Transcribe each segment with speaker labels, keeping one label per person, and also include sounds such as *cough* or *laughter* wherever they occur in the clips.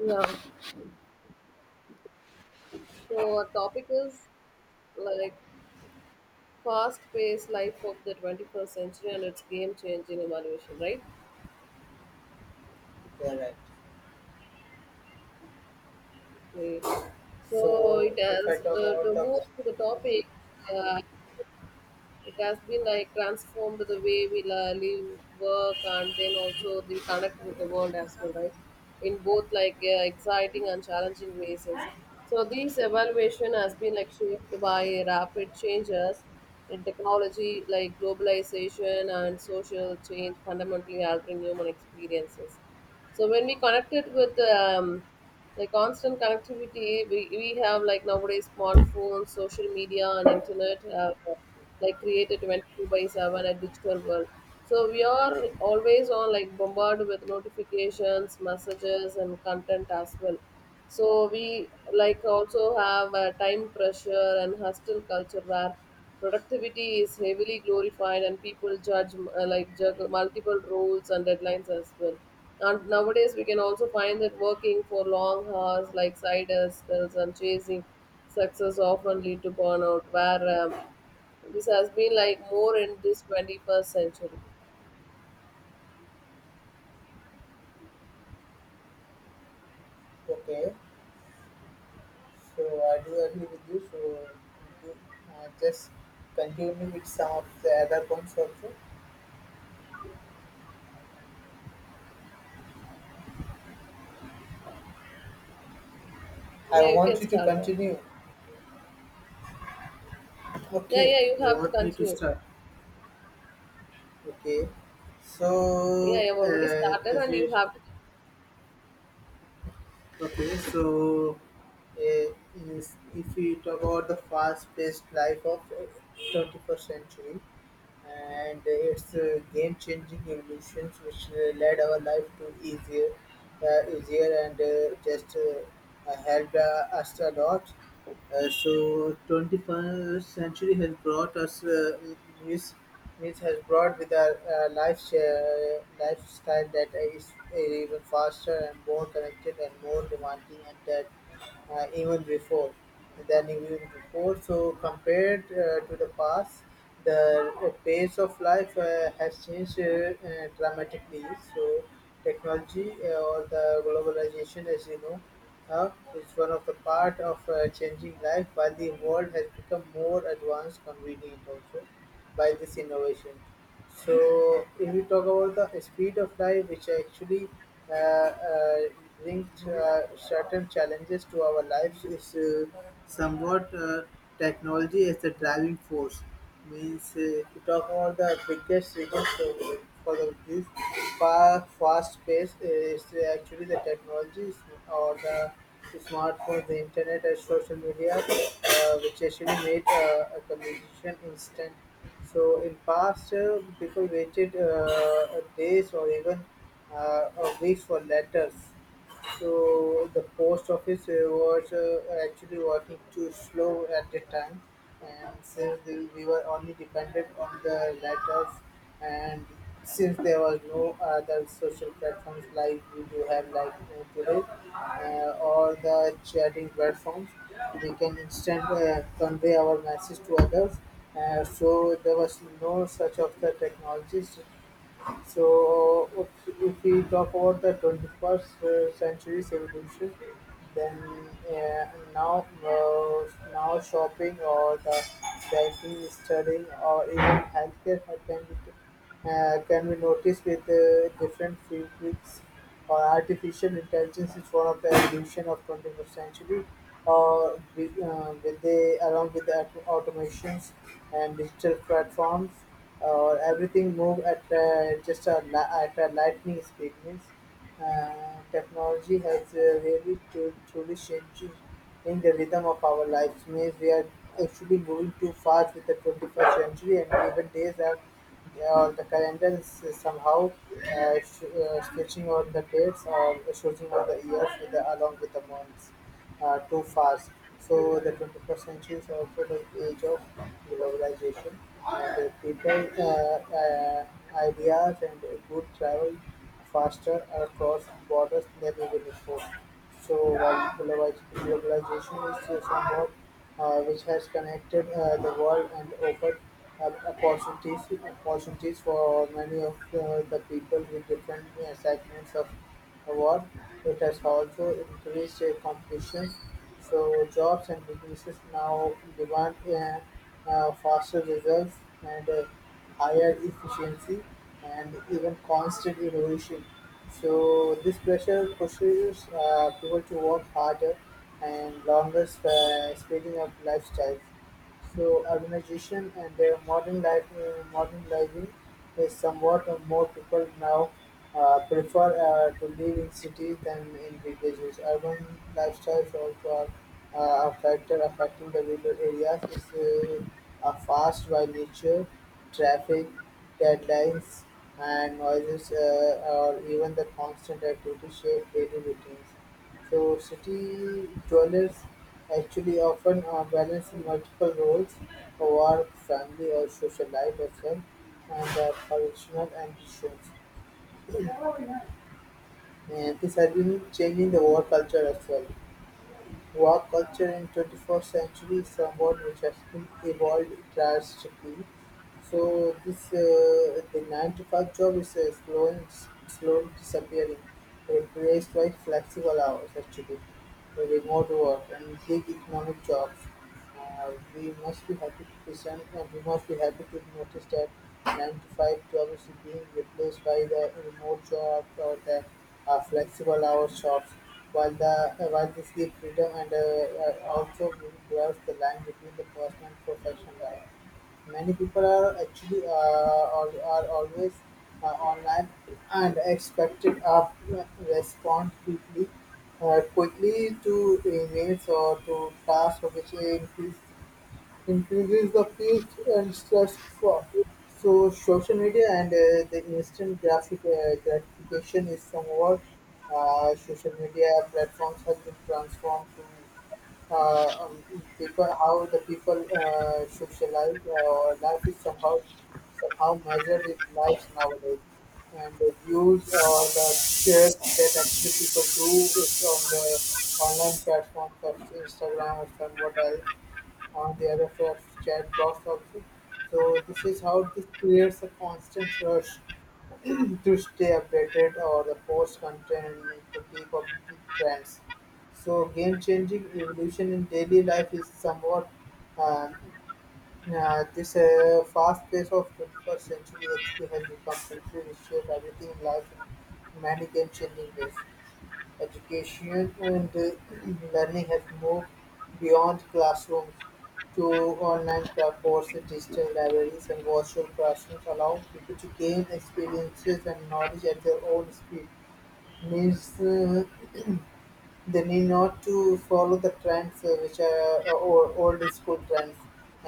Speaker 1: Yeah. So our topic is like fast-paced life of the 21st century and its game-changing evolution, right?
Speaker 2: Yeah, right.
Speaker 1: Okay. So
Speaker 2: So
Speaker 1: it
Speaker 2: if I
Speaker 1: has
Speaker 2: talk about
Speaker 1: to
Speaker 2: the
Speaker 1: move to the topic. Uh, it has been like transformed the way we live, work, and then also the connect with the world as well, right, in both like exciting and challenging ways. So this evaluation has been like shaped by rapid changes in technology, like globalization and social change, fundamentally altering human experiences. So when we connect it with like constant connectivity, we have like nowadays smartphones, social media, and internet have like created 24/7 a digital world, so we are always on, like bombarded with notifications, messages, and content as well. So we like also have a time pressure and hostile culture where productivity is heavily glorified and people judge like juggle multiple roles and deadlines as well. And nowadays we can also find that working for long hours, like side hustles and chasing success, often lead to burnout, where this has been like more in this 21st century.
Speaker 2: Okay, so I do agree with you. So do- just continue with some of the other points also. I
Speaker 1: Yeah, you can
Speaker 2: want you to
Speaker 1: start.
Speaker 2: continue.
Speaker 1: Yeah,
Speaker 2: Okay,
Speaker 1: yeah, you
Speaker 2: you
Speaker 1: have to
Speaker 2: want me to
Speaker 1: continue.
Speaker 2: start. Okay.
Speaker 1: Yeah, I
Speaker 2: So
Speaker 1: have already started
Speaker 2: as
Speaker 1: and
Speaker 2: you
Speaker 1: you have to.
Speaker 2: Okay, so if we talk about the fast-paced life of 21st century, and its game-changing evolutions, which led our life to easier, easier and just helped us a lot. 21st century has brought us news. News has brought with our life, lifestyle that is even faster and more connected and more demanding and that even before than even before. So compared to the past, the pace of life has changed dramatically. So technology or the globalization, as you know, is one of the part of changing life. While the world has become more advanced, convenient also by this innovation. So, if we talk about the speed of life, which actually uh, uh, brings certain challenges to our lives, is somewhat technology as the driving force. Means, if you talk about the biggest reason this fast pace is actually the technologies or the smartphones, the internet, and social media, which actually made a communication instant. So in past, people waited days or even a weeks for letters. So the post office was actually working too slow at the time, and since we were only dependent on the letters, and since there was no other social platforms like we do have like today, or the chatting platforms, we can instant convey our message to others, so there was no such of the technologies. So if we talk about the 21st century's evolution, then uh, now, uh, now shopping or the banking, studying, or even healthcare can be noticed with different fields. Or artificial intelligence is one of the evolution of 21st century. Or with the along with the automations and digital platforms, or everything move at at a lightning speed means. Technology has really truly changing in the rhythm of our lives. Means we are actually moving too fast with the 21st century, and even days are or the calendars is somehow stretching out the dates or stretching out the years along with the months too fast. So the 21st century is also the age of globalization, and people, ideas, and good travel faster across borders than even before. So while globalization is somewhat which has connected the world and opened up opportunities for many of the people with different segments of award, it has also increased competition, so jobs and businesses now demand faster results and higher efficiency and even constant innovation. So this pressure pushes people to work harder and longer, speeding up lifestyles. So urbanization and modern living is somewhat more people now prefer to live in cities than in villages. Urban lifestyles also are a factor affecting the rural areas. It's are fast by nature, traffic. Deadlines and noises or even the constant activity shape daily routines. So city dwellers actually often are balancing multiple roles, work, family or social life as well, and their professional ambitions. *clears throat* And this has been changing the work culture as well. Work culture in 21st century is somewhat which has been evolved drastically. So this the nine to five job is slowly disappearing, replaced by flexible hours actually, the remote work and gig economic jobs. We must be happy to present, and we must be happy to notice that nine to five job is being replaced by the remote job or the flexible hours jobs. While the while this gives freedom and also blurs the line between the personal and professional life. Many people are actually are always online and expected a respond quickly, quickly to emails or to tasks, which increases the fears and stress for. So social media and the instant graphic gratification is somewhat. Social media platforms have been transformed to people how the people socialize. Life is somehow measured in lives nowadays, and the views or the shares that actually people do is on the online platforms such as Instagram or somewhat else on the other chat box also. So this is how this creates a constant rush *clears throat* to stay updated or the post content and to keep up with trends. So game changing evolution in daily life is somewhat um yeah, this fast pace of 21st century actually has become completely reshaped everything in life in many game-changing ways. Education and *clears throat* learning has moved beyond classrooms to online platforms, digital libraries, and virtual classrooms, allow people to gain experiences and knowledge at their own speed. Means *clears throat* they need not to follow the trends which are old school trends.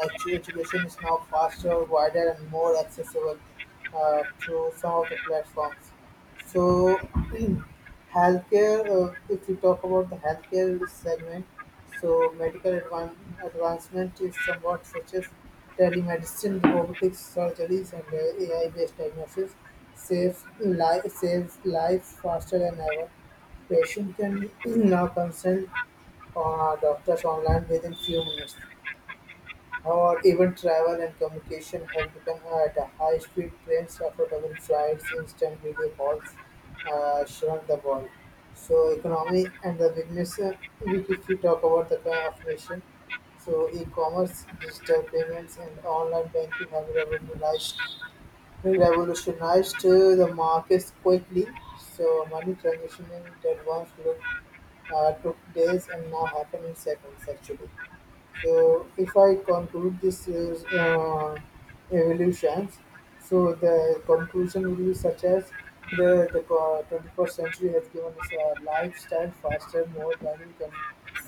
Speaker 2: Actually, education is now faster, wider, and more accessible through some of the platforms. So, *clears throat* healthcare. If we talk about the healthcare segment, so medical advancement is somewhat such as telemedicine, robotics, surgeries, and AI-based diagnosis saves lives faster than ever. Patient can *clears throat* now consult doctors online within few minutes, or even travel and communication have become at a high speed trains, affordable flights, instant video calls shrunk the world. So economy and the business, if we talk about the kind of nation, so e-commerce, digital payments and online banking have revolutionized the markets quickly, so money transitioning in advance look, took days and now happen in seconds actually. So if I conclude this is, evolutions, so the conclusion will be such as 21st century has given us a lifestyle faster, more value than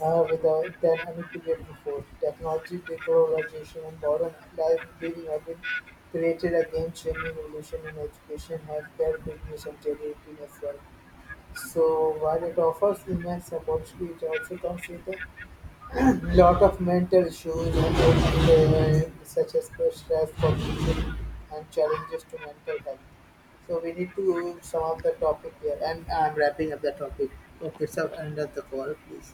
Speaker 2: than any period before. Technology, digitalization, and modern life living have been created a game-changing revolution in education, healthcare, business, and charity as well. So while it offers immense opportunity, it also comes with a *clears throat* lot of mental issues and such as stress, cognition, and challenges to mental health. So we need to sum up the topic here, and I'm wrapping up the topic. Okay, so end of the call, please.